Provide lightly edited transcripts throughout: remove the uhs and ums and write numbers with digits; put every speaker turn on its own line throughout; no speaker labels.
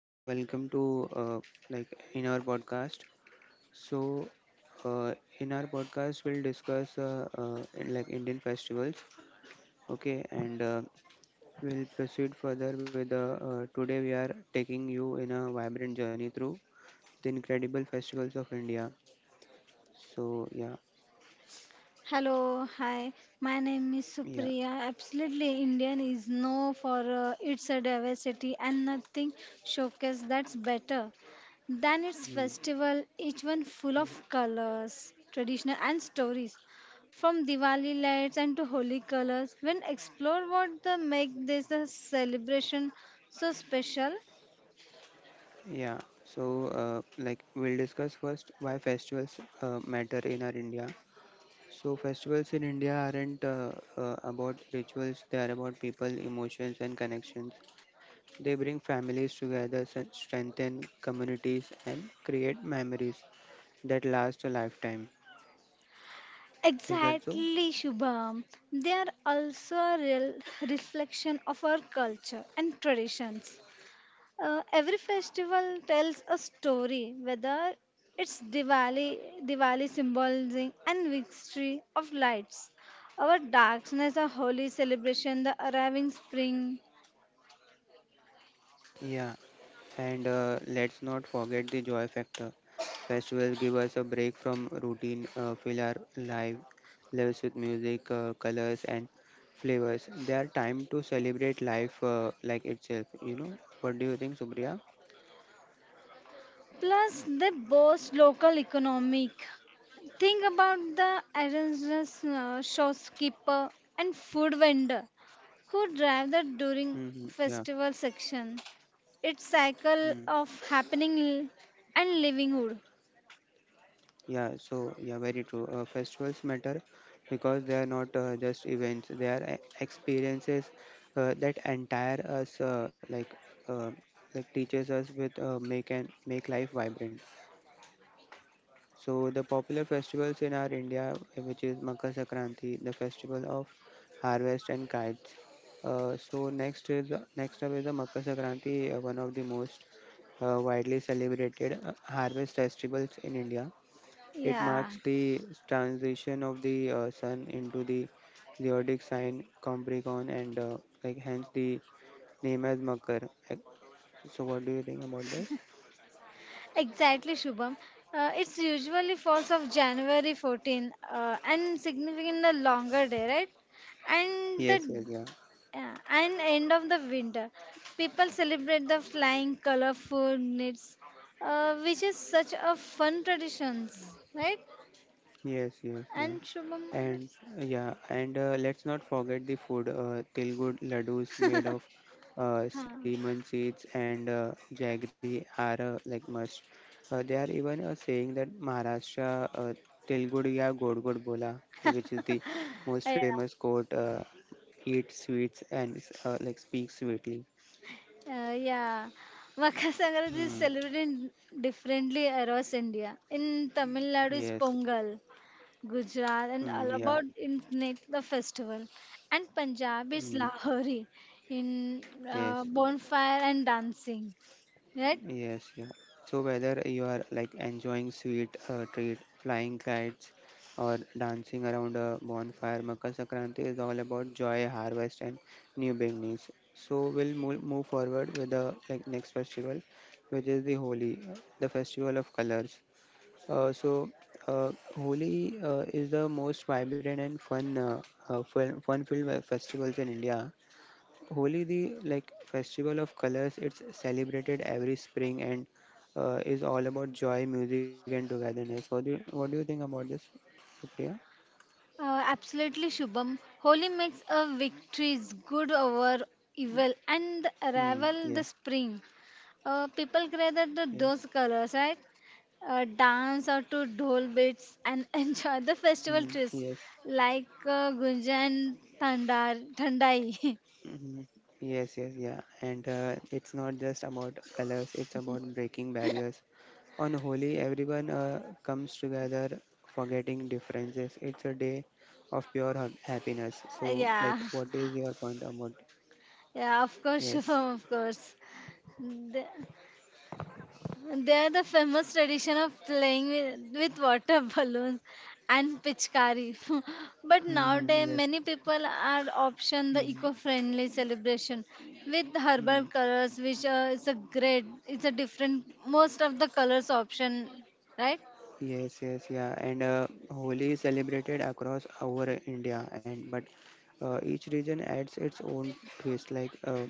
and welcome to like in our podcast. So in our podcast, we'll discuss in, like Indian festivals. Okay, and we'll proceed further with today we are taking you in a vibrant journey through the incredible festivals of India. So yeah,
Hello, hi. My name is
yeah,
Supriya. Absolutely, Indian is no for its diversity and nothing showcase that's better than its
mm,
festival. Each one full of
yeah,
colors, traditional and stories, from Diwali lights and to holy colors. When explore what the make this a celebration so special.
yeah. So we'll discuss first why festivals matter in our India. So festivals in India aren't about rituals, they are about people, emotions and connections. They bring families together, strengthen communities and create memories that last a lifetime. Is that so?
Exactly, Shubham. They are also a real reflection of our culture and traditions. Every festival tells a story, whether it's Diwali, symbolizing and victory of lights, our darkness, a holy celebration, the arriving spring.
Yeah. And let's not forget the joy factor. Festivals give us a break from routine, fill our life lives with music, colors and flavors. They are time to celebrate life itself, What do you think, Supriya?
Plus, they boast local economic. Think about the arrangements, shopkeeper and food vendor who drive the
Mm-hmm.
during
Yeah.
festival section. It's
Mm.
cycle of happening and livelihood.
Yeah. So yeah, very true. Festivals matter because they are not just events; they are experiences that entire us, uh, like teaches us with make and make life vibrant. So the popular festivals in our India, which is Makar Sankranti, the festival of harvest and kites. So next is next up is the Makar Sankranti, one of the most widely celebrated harvest festivals in India. It
Yeah.
marks the transition of the sun into the zodiac sign Capricorn, and hence the name as Makar. So, what do you think about this?
Exactly, Shubham. It's usually falls of January 14th and significant a longer day, right? And
Yes,
the
yes, yeah.
and end of the winter, people celebrate the flying colorful knits, which is such a fun traditions, right?
Yes, yes, yeah.
And Shubham,
And
others?
yeah, and let's not forget the food, Telugu laddus made of semen seeds and jaggery are must. They are even saying that Maharashtra Tilgudiya God God Bola, which is the most
Uh,
famous quote, eat sweets and speak sweetly.
yeah, uh, yeah. Makar Sankranti is
Hmm.
celebrated differently across India. In Tamil Nadu is
Yes.
Pongal. Gujarat and all
Hmm. Yeah.
about Inknik, the festival, and Punjab is
Hmm.
Lahori in
Yes.
bonfire and dancing. Right?
Yes, yeah. So whether you are enjoying sweet treat, flying kites, or dancing around a bonfire, Makar Sankranti is all about joy, harvest, and new beginnings. So we'll move forward with the next festival, which is the Holi, the festival of colors. Uh, so Holi is the most vibrant and fun-filled festivals in India. Holi, the festival of colors, it's celebrated every spring and is all about joy, music, and togetherness. What do you think about this, Priya?
Absolutely, Shubham. Holi makes a victories good over evil and the
Mm, yeah.
arrival the spring. People gather the
Yes.
those colors, right? Dance or to dhol beats and enjoy the festival
Mm,
trees
yes.
like Gunja and Thandai.
Hmm. Yes. Yes. Yeah. And it's not just about colors. It's about breaking barriers. On Holi, everyone comes together, forgetting differences. It's a day of pure happiness. So,
Yeah.
what is your point about?
Yeah, of course,
Yes.
Shubham, of course. They they are the famous tradition of playing with water balloons and pitchkari. But
Mm-hmm.
nowadays, many people are option the
Yes.
eco-friendly celebration with herbal
Hmm.
colors, which is a great, it's a different, most of the colors option, right?
Yes, yes, yeah. And Holi is celebrated across our India, and but each region adds its own twist. Like uh,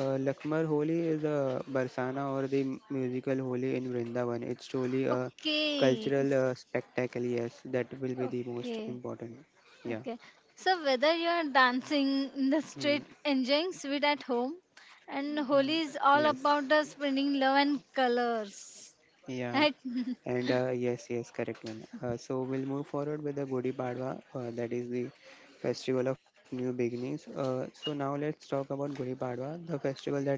uh, Lakmar Holi is a Barsana or the musical Holi in Vrindavan. It's truly a
Okay,
cultural spectacle. Yes, that will be the most
okay.
important. Yeah.
Okay. So whether you're dancing in the street,
Hmm.
enjoying sweet at home, and
Hmm.
Holi is all
Yes.
about the spreading love and colors.
Yeah.
Right?
And yes, yes, correct one. So we'll move forward with the Gudi Padwa, that is the festival of new beginnings. So now let's talk about Gudi Padwa, the festival that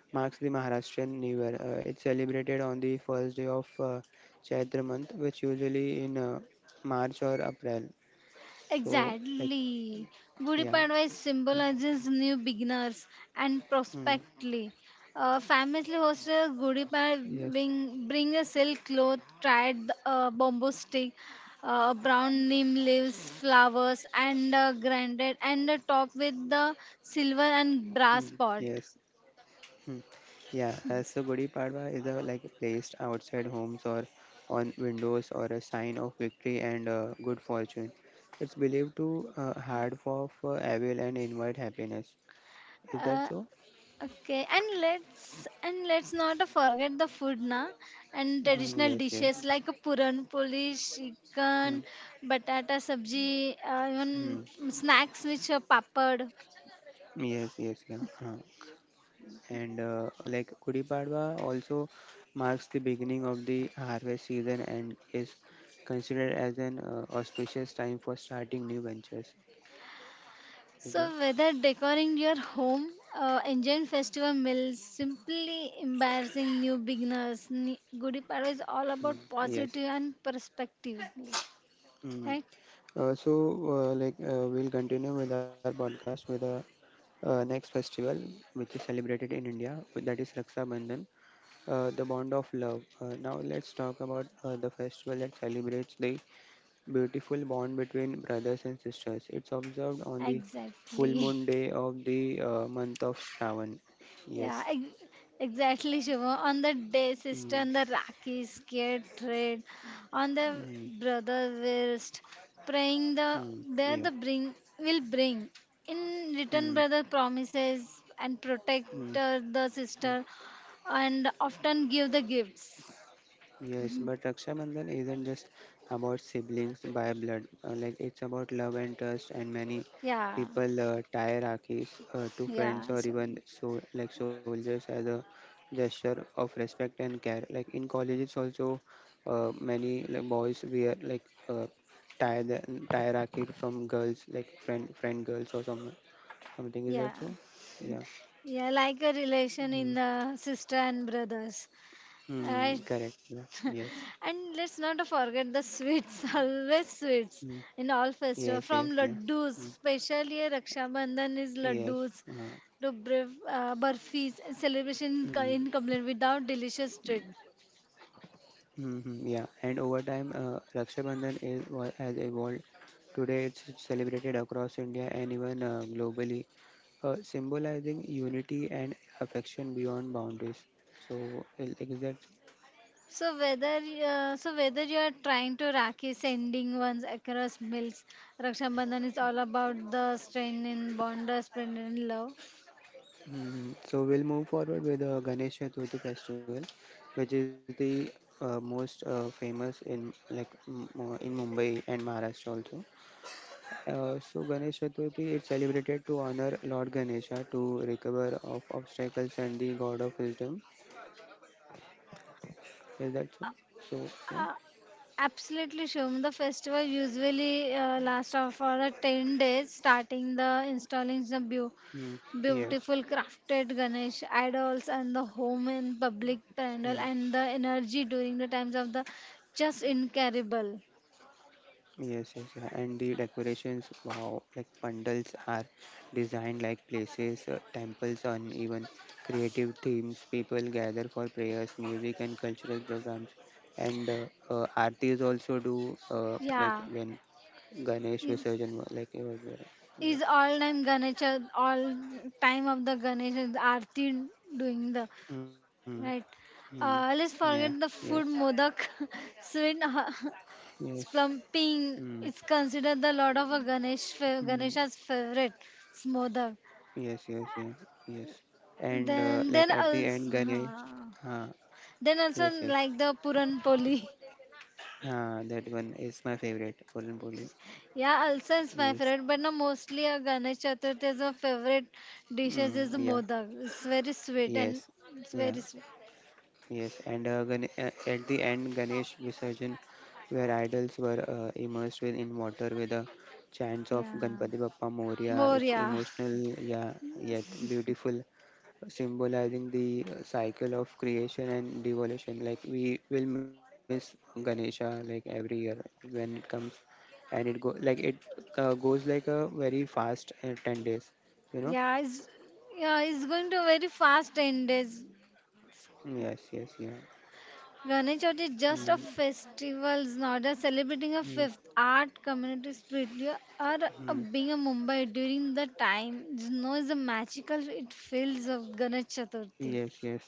marks the Maharashtrian New Year. It's celebrated on the first day of Chaitra month, which usually in March or April. So, like,
Exactly. Gudi
yeah.
Padwa is
Mm,
symbolizes new beginners and
mm,
prospectly. Famously hosted Gudi
yes.
Padwa bring a silk cloth, tried bamboo stick, brown neem leaves, flowers, and granite, and top with the silver and brass
Mm,
pot.
yes. Hmm. Yeah, so Gudi Padwa is a, placed outside homes or on windows or a sign of victory and good fortune. It's believed to hard for evil and invite happiness. Is that
Uh,
so?
Okay, and let's not forget the food na and
Mhm,
traditional
yes, yes.
dishes like a puran poli, chicken,
Mm,
batata sabji, even
mm.
snacks which are papad.
Yes, yes, yeah. Uh, and Gudi Padwa also marks the beginning of the harvest season and is considered as an auspicious time for starting new ventures. Is that?
So whether decorating your home, enjoying festival meals, simply embarrassing new beginners, Gudi Padwa is all
Mm,
about
yes.
positive and perspective,
Mm.
right?
So, we'll continue with our podcast with the next festival, which is celebrated in India, that is Raksha Bandhan, the bond of love. Now, let's talk about the festival that celebrates the beautiful bond between brothers and sisters. It's observed on the full
Exactly.
moon day of the month of Shravan.
Yeah,
Yes.
ex- exactly, Shivam. On the day, sister
Mm,
and the Rakhi scared trade on the
mm,
brother wrist, praying the
mm,
there
yeah.
the bring will bring. In
Mm,
return,
mm,
brother promises and protect
mm.
the sister, and often give the gifts.
Yes, but Raksha Bandhan isn't just about siblings by blood. It's about love and trust, and many
Yeah,
people tie Rakhis to
yeah,
friends or
so,
even so soldiers as a gesture of respect and care. Like in colleges also, many boys wear uh, tie the tie Rakhi from girls like friend girls or something. Is
yeah,
that so? Yeah.
yeah, like a relation
Mm-hmm.
in the sister and brothers,
Hmm,
right?
correct. Yeah. Yes.
And let's not forget the sweets, always sweets
Mm.
in all festival.
Yes. Yes.
From
Yeah.
laddus,
Hmm.
especially Raksha Bandhan is
Yes.
laddus
Uh,
to burfis celebration
mm,
incomplete without delicious treat.
hmm, yeah. And over time, Raksha Bandhan has evolved. Today, it's celebrated across India and even globally, symbolizing unity and affection beyond boundaries. So, that.
So whether so whether you are trying to Rakhi sending ones across mills, Raksha Bandhan is all about the strain in bond, the strain in love.
Mhm. So, we'll move forward with the Ganesh Chaturthi festival, which is the most famous in in Mumbai and Maharashtra also. So Ganesh Chaturthi is celebrated to honor Lord Ganesha to recover of obstacles and the god of wisdom. Is that so? So yeah.
Uh, Absolutely, Shum. The festival usually lasts of for the 10 days, starting the installing
Mm.
the
Yes.
beautiful crafted Ganesh idols and the home and public
Mm.
pandal and the energy during the times of the just incredible.
Yes, yes, yeah. And the decorations, wow, pandals are designed like places, temples on even creative themes. People gather for prayers, music, and cultural programs. And aartis also do
Yeah.
when Ganesh
Is
Visarjan, it was there.
is
Yes.
all time Ganesh all time of the Ganesh is Aarti doing the
Hmm.
right.
Mm, yeah,
Let's forget
yes,
the food modak, sweet
yes,
Splumping
mm,
is considered the Lord of a
mm,
Ganesha's favorite smother.
yes, yes, yeah, yes. And
Then then
at the end,
also
Ganesh, uh,
then also
yes, yes,
like the Puran Poli.
that one is my favorite, Puran Poli.
Yeah, also is my
Yes,
favorite, but no, mostly a Ganesh Chaturthi is my favorite dishes is
mm, yeah,
modak. It's very sweet and
yes,
it's
yeah,
very sweet.
yes. And at the end, Ganesh Visarjan, where idols were immersed in water with the chants of
Yeah,
Ganpati Bappa Moria.
more
It's
yeah,
emotional, yeah, yet beautiful, symbolizing the cycle of creation and devolution. Like we will miss ganesha every year when it comes and it go like it goes like a very fast 10 days, you know
yeah. It's Yeah, it's going to very fast 10 days.
yes, yes, yeah.
Ganesh Chaturthi is just
Mm,
a festival, it's not a celebrating a
mm,
fifth art community spirit. You are
mm.
being a Mumbai during the time. You know, is the magical it feels of Ganesh Chaturthi.
Yes, yes,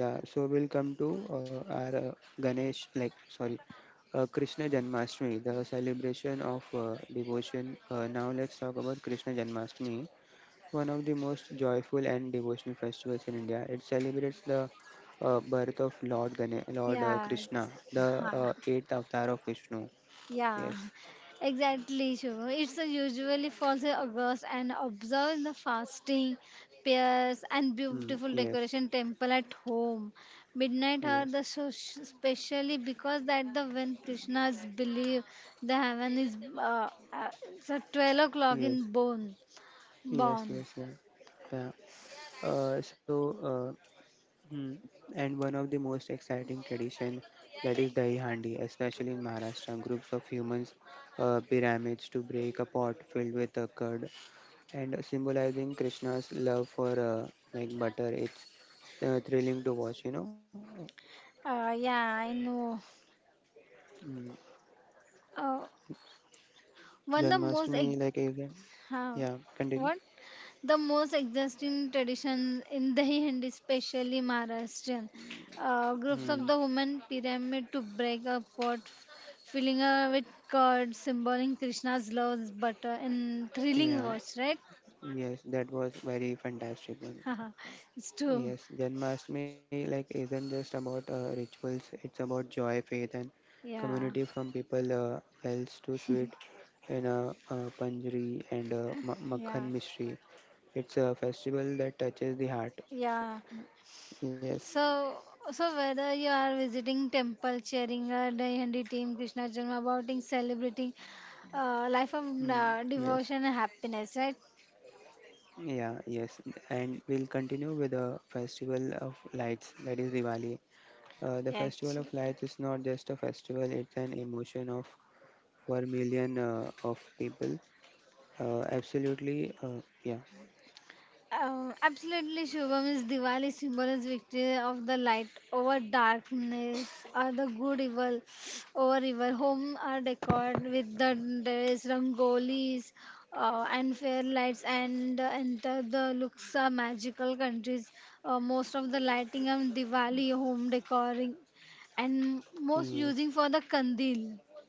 yeah. So we'll come to our ganesh like sorry Krishna Janmashtami, the celebration of devotion. Now let's talk about Krishna Janmashtami, one of the most joyful and devotional festivals in India. It celebrates the birth of Lord
Yeah.
Krishna,
it's-
the eighth avatar of Vishnu.
Yeah,
Yes,
exactly, Shubham. It's usually falls in August and observe the fasting, prayers, and
mm,
beautiful
yes,
decoration temple at home. Midnight are the
yes,
so specially because that the when Krishna's believe the heaven is it's at 12 o'clock in
yes,
bone
yes,
born.
yes, yeah, yeah. So, mm, and one of the most exciting tradition that is Dahi Handi, especially in Maharashtra. Groups of humans pyramids to break a pot filled with a curd and symbolizing Krishna's love for butter. It's thrilling to watch, you know.
Yeah, I know.
Mm.
Uh, one of the most
Janmashtami, like,
ex-
you can-
Huh.
yeah, continue.
What? The most existing tradition in Dahihandi, especially Maharashtrian, groups of
Mm.
the women pyramid to break a pot, filling with curd, symboling Krishna's love's butter, and thrilling
Yeah,
watch, right?
yes, that was very fantastic one.
It's true.
Yes, Janmashtami, isn't just about rituals, it's about joy, faith, and
Yeah,
community from people wells to sweet in a, panjari and
yeah,
makhan mystery. It's a festival that touches the heart.
yeah.
Yes,
So, so whether you are visiting temple, cheering a Dayandi team, Krishna Janma, abouting celebrating life of
mm. Yes.
devotion and happiness, right?
Yeah, yes, and we'll continue with the festival of lights that is Diwali. The festival of
Actually.
lights is not just a festival, it's an emotion of for million of people. Absolutely, yeah,
Absolutely, Shubham is Diwali symbol is victory of the light over darkness, or the good evil over evil. Home are decorated with the dress, rangolis, and fair lights, and enter the looks are magical countries. Most of the lighting on Diwali home decoring, and most using
yes,
for the kandil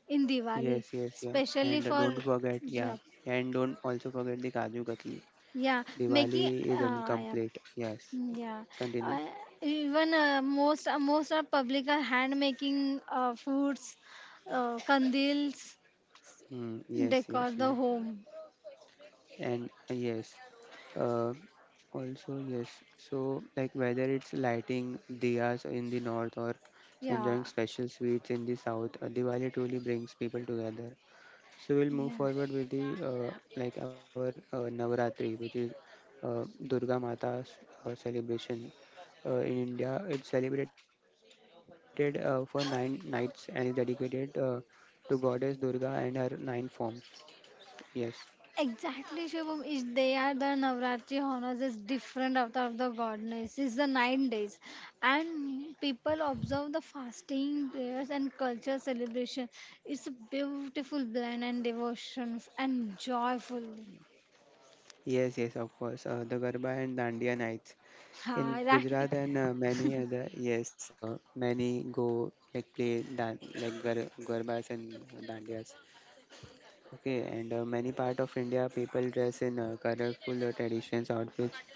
in Diwali,
yes, yes, yeah,
especially
and don't
for
forget, yeah,
yeah,
and don't also forget the Kaju Katli.
yeah, making
Diwali is
uh, yeah
incomplete, yes,
yeah,
continue.
uh, even most are public are hand making foods, candles,
Mm, yes,
decor
yes,
the
yeah,
home.
and yes, uh, also, yes. So, whether it's lighting diyas in the north or
Yeah,
enjoying special sweets in the south, Diwali truly brings people together. So we'll move
yeah,
forward with the like our Navaratri, which is Durga Mata's celebration. In India, it's celebrated for nine nights and is dedicated to goddess Durga and her nine forms. Yes,
exactly. Shubham is they are the Navratri honors is different avatar of the goddess. It's the 9 days, and people observe the fasting, prayers, and culture celebration. It's a beautiful blend and devotion and joyful.
yes, yes, of course. The Garba and Dandiya nights in
Ha
Gujarat and
right.
many other, yes, many go like play dan like gar garbas and dandiyas. Okay, and many part of India people dress in colorful traditions outfits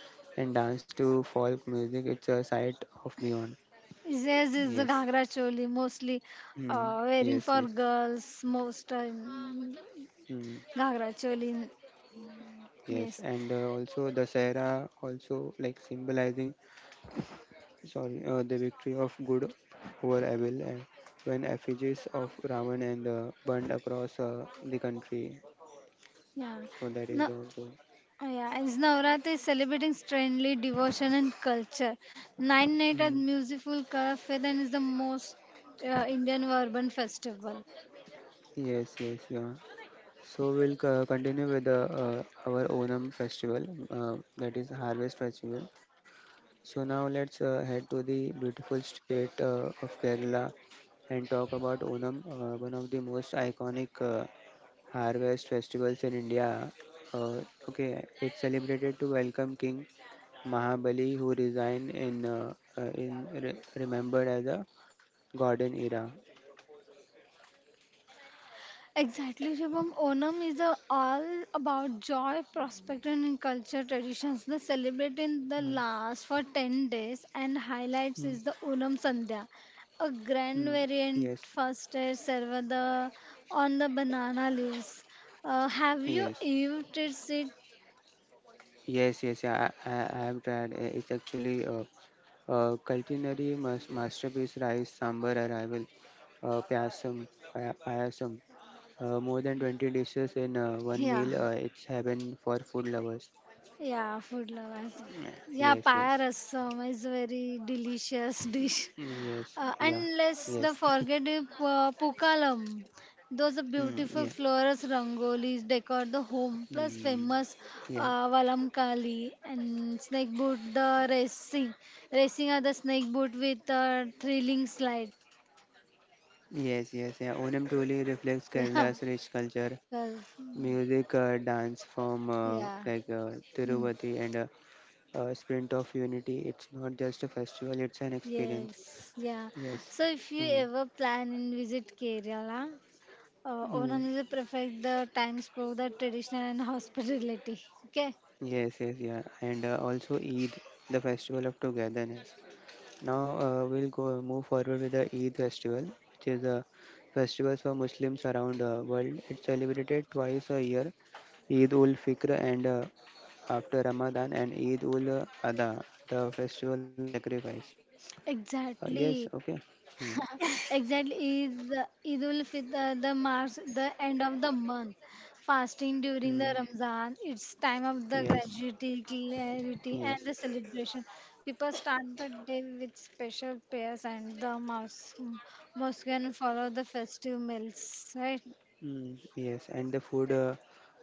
and dance to folk music. It's a sight of beyond.
Yes, is the
Yes.
Ghangra Choli mostly
Mm,
wearing
yes.
for
Yes.
girls most time.
Mm,
Ghangra Choli,
yes.
yes,
And also the Sahara also symbolizing sorry, the victory of good over evil when effigies of Ravan and burned across the country.
yeah.
So that is
No,
also.
Yeah. Is Navratri is celebrating strangely devotion and culture. Nine night at
Mm.
musical fair Then is the most Indian urban festival.
Yes, yes, yeah. So we'll continue with the, our Onam festival, that is harvest festival. So now let's head to the beautiful state of Kerala and talk about Onam, one of the most iconic harvest festivals in India. Uh, okay, it's celebrated to welcome King Mahabali, who resigned in remembered as a golden era.
Exactly, Shivam. Onam is a, all about joy, prosperity, and culture traditions. The celebrate in the
Mm,
last for 10 days, and highlights
mm,
is the Onam Sandhya, a grand
mm.
variant
Yes,
first servada on the banana leaves. Have you
yes,
eaten it?
yes, yes. Yeah, I have tried. It's actually a culinary masterpiece rice sambar arrival payasam, payasam. More than 20 dishes in one
Yeah,
meal. It's heaven for food lovers.
yeah, food lovers. Yeah,
Yes, yes.
payarasam is very delicious dish.
Yes, yeah,
And let's
yes,
the forget the Pukalam. Those are
mm,
beautiful
yeah,
flowers, rangolis decor the home, plus
mm,
famous
yeah,
Valamkali and snake boot, the racing. Racing are the snake boot with a thrilling slide.
yes, yes, yeah. Onam truly reflects
Yeah.
Kerala's rich culture,
Well,
music, dance form,
yeah.
like
Hmm.
Tiruvati and a Sprint of Unity. It's not just a festival; it's an experience.
Yes. Yeah.
Yes.
So if you
Mm,
ever plan and visit Kerala,
mm,
Onam is a perfect the time spoke the traditional and hospitality. Okay.
yes, yes, yeah. And also Eid, the festival of togetherness. Now we'll go move forward with the Eid festival, which is a festival for Muslims around the world. It's celebrated twice a year, Eid ul Fitr and after Ramadan and Eid ul Adha, the festival of sacrifice. Yes,
Exactly,
okay. Hmm.
exactly is Eid ul Fitr, the marks the end of the month. Fasting during the
Hmm.
Ramzan, it's time of the
Yes,
gratitude, clarity, and
yes,
the celebration. People start the day with special prayers and the mosque and follow the festive meals. Right?
hmm, yes. And the food, uh,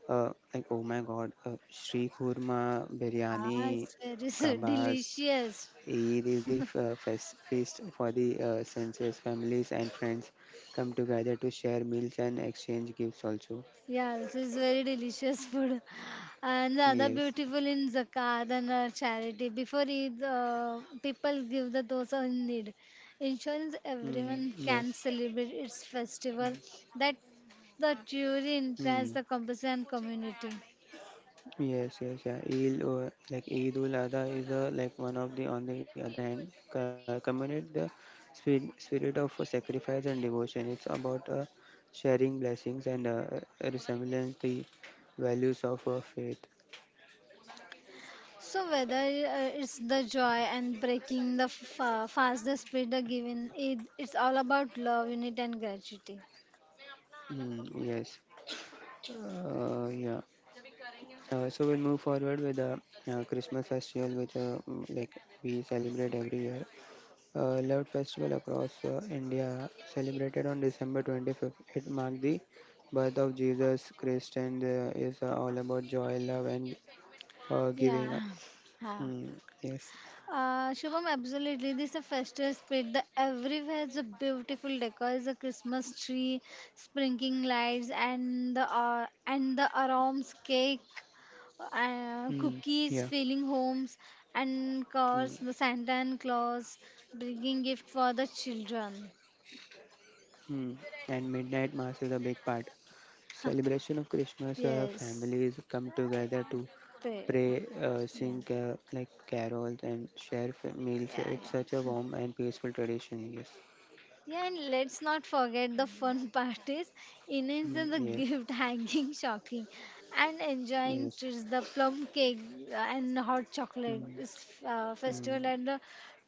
uh, like oh my God, Shri Kurma,
Ah,
biryani,
it's very s-
kabas,
delicious.
Eid is the feast for the senses. Families and friends come together to share meals and exchange gifts also.
Yeah, this is very delicious food. And the other
Yes.
beautiful in zakat and charity. Before Eid, people give the those who in need. Insurance,
Mm,
everyone can
yes.
celebrate its festival that the jury implies
Mm,
the compassion and community.
yes, yes, yeah. Eid, like Eidul Adha is like one of the, on the other hand, communicate the spirit of sacrifice and devotion. It's about sharing blessings and resemblance the values of faith.
So whether It's the joy and breaking the fast, the spirit the giving, it's all about love, unity and gratitude.
Mm, yes. Yeah. So we'll move forward with the Christmas festival, which like we celebrate every year. Loved festival across India, celebrated on December 25th. It marked the birth of Jesus Christ and is all about joy, love, and giving.
Yeah. Yeah.
Mm, yes.
Shubham, absolutely. This is a festive spirit. The everywhere is a beautiful decor. It's a Christmas tree, sprinkling lights, and the aroms, cake,
Mm,
cookies,
yeah.
filling homes, and of course
Mm,
the Santa and Claus bringing gift for the children.
mm. And midnight mass is a big part.
Huh.
Celebration of Christmas,
Yes.
families come together to
Pe-
pray,
Yeah.
sing like carols, and share meals.
Yeah.
It's such a
Yeah.
warm and peaceful tradition. Yes,
Yeah, and let's not forget the fun part is innings
mm,
and the
yes,
gift hanging shocking and enjoying
yes.
treats the plum cake and hot chocolate
Mm,
is festival
mm,
and the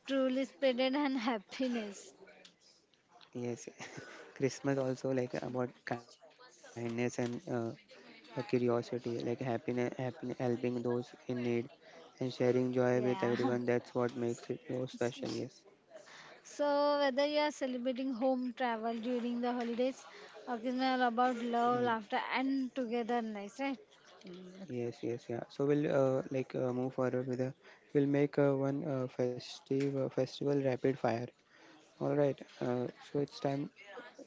truly spreaded and happiness.
yes, Christmas also like about kindness and curiosity, like happiness, helping those in need, and sharing joy with everyone. That's
Yeah.
what makes it so special. Yes.
So whether you are celebrating home travel during the holidays, occasion all about
Mm.
love, laughter and togetherness, right?
Yes, yes, yeah. So we'll move forward with a we'll make one festive festival rapid fire. All right, so it's time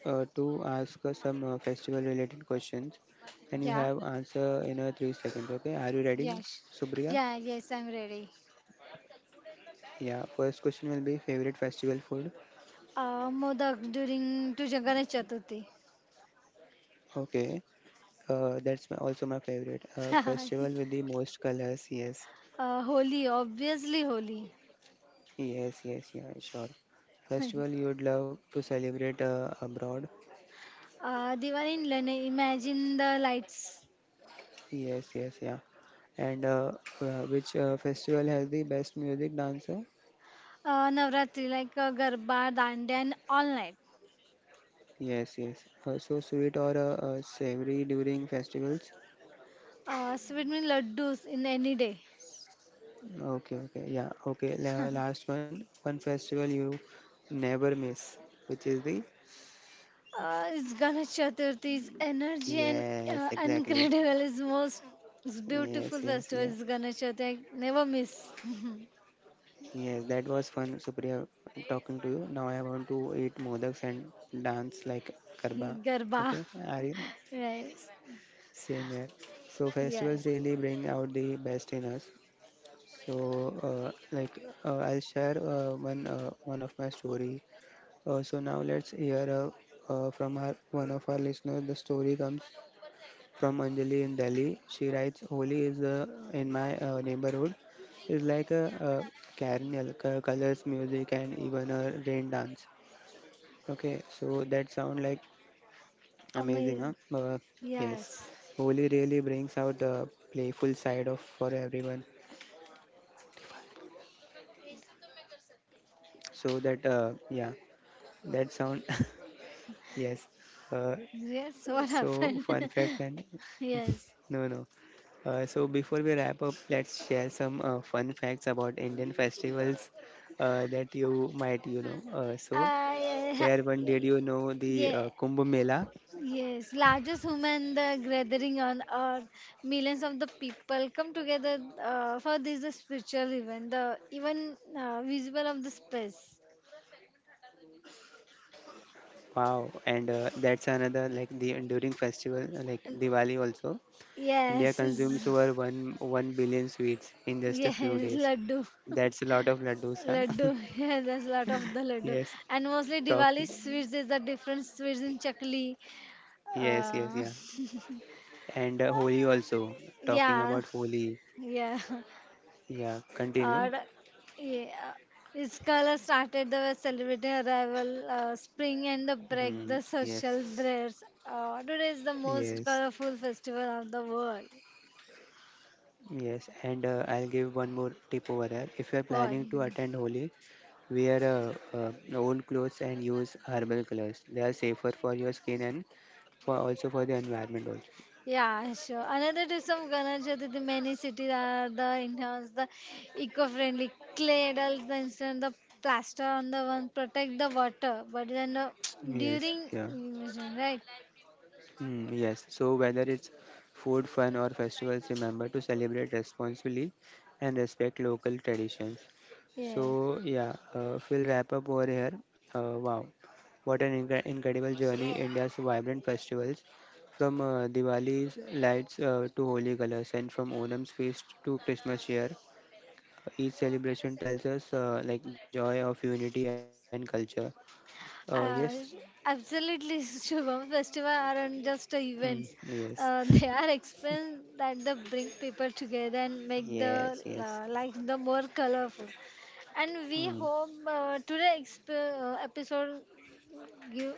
to ask some festival related questions and you
Yeah.
have answer in 3 seconds. Okay, are you ready,
Yes.
Supriya?
Yeah, yes, I'm ready.
Yeah, first question will be favorite festival food.
Modak during to Ganesh Chaturthi.
Okay, that's my, also my favorite.
uh,
Festival with the most colors. Yes,
Holi, obviously Holi.
yes, yes, yeah, sure. Festival you would love to celebrate abroad.
Diwali in Lene, imagine the lights.
Yes, yes, yeah. And which festival has the best music dancer?
Navratri like Garba, Dandi and all night.
Yes, yes. So sweet or savory during festivals?
Sweet mean laddus in any day.
Okay, okay. Yeah, okay. La last one. One festival you never miss, which is the
It's Ganesh Chaturthi's energy and
yes, exactly.
incredible is most it's beautiful
Yes, yes,
festival
yeah.
is Ganesh Chaturthi. I never miss.
Yes, that was fun, Supriya, talking to you. Now I want to eat modaks and dance like Karba.
Garba.
Okay, are you?
Right.
Same here. So
Yes.
festivals really bring out the best in us. So, like, I'll share one of my story. So now let's hear from our, one of our listeners. The story comes from Anjali in Delhi. She writes, "Holi is in my neighborhood. It's like a carnival, colors, music, and even a rain dance." Okay, so that sound like amazing, huh?
Amazing.
Uh, yes,
Yes.
Holi really brings out the playful side of for everyone. So that yeah, that sound yes. Uh,
Yes. What
so
happened?
fun fact and
Yes.
no, no. So before we wrap up, let's share some fun facts about Indian festivals that you might you know. So
I.
here one, did you know the
Yeah,
Kumbh Mela?
yes, largest human the gathering on earth. Millions of the people come together for this the spiritual event, the even visible of the space.
Wow, and that's another like the enduring festival like Diwali also. India
Yes,
consumes
it's-
over one billion sweets in just a few
yes,
days.
laddu,
That's a lot of laddus,
laddu.
huh?
Yeah, there's a lot of the laddu,
Yes,
and mostly
talk.
Diwali sweets is the different sweets in chakli.
Yes, yes,
Uh,
yeah. And Holi also. Talking
yeah,
about Holi.
Yeah.
Yeah, continue.
Or, yeah. Iskala started the celebrity arrival, spring and the
Hmm,
break, the social
yes,
breaks. Today is the most
yes,
colorful festival of the world.
yes. And I'll give one more tip over here. If you're
What?
planning to attend Holi, wear old clothes and use herbal colors. They are safer for your skin and for also for the environment also.
Yeah, sure. Another dish of Ganesh Chaturthi, many cities are the enhance the eco-friendly clay adults the instant the plaster on the one protect the water, but then
Yes,
during
yeah.
erosion, right?
Mm, yes. So whether it's food, fun, or festivals, remember to celebrate responsibly and respect local traditions.
Yeah.
So yeah, we'll wrap up over here. Wow, what an incredible journey! India's vibrant festivals, from Diwali's lights to holy colors, and from Onam's feast to Christmas cheer. Uh, each celebration tells us like joy of unity and culture. Yes,
Uh, absolutely, Shubham. Festival aren't just
mm,
events.
yes,
They are experience that they bring people together and make the
yes, yes,
life the more colorful. And we
mm,
hope episode give,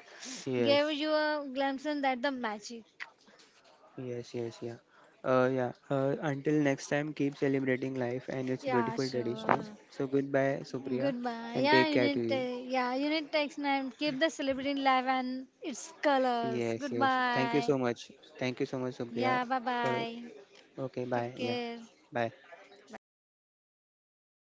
gave
yes.
you a glimpse in that the magic.
Yes, yes, yeah. Yeah. Until next time, keep celebrating life and its
Yeah,
beautiful
sure.
traditions. So goodbye, Supriya,
Goodbye.
and take care to you.
Yeah, you need text and keep the celebrating live and its colors.
Yes, yes. Thank you
Goodbye.
so much. Thank you so much, Supriya.
Yeah, bye
For
bye.
okay, bye.
Take
Yeah,
care.
bye.
Bye.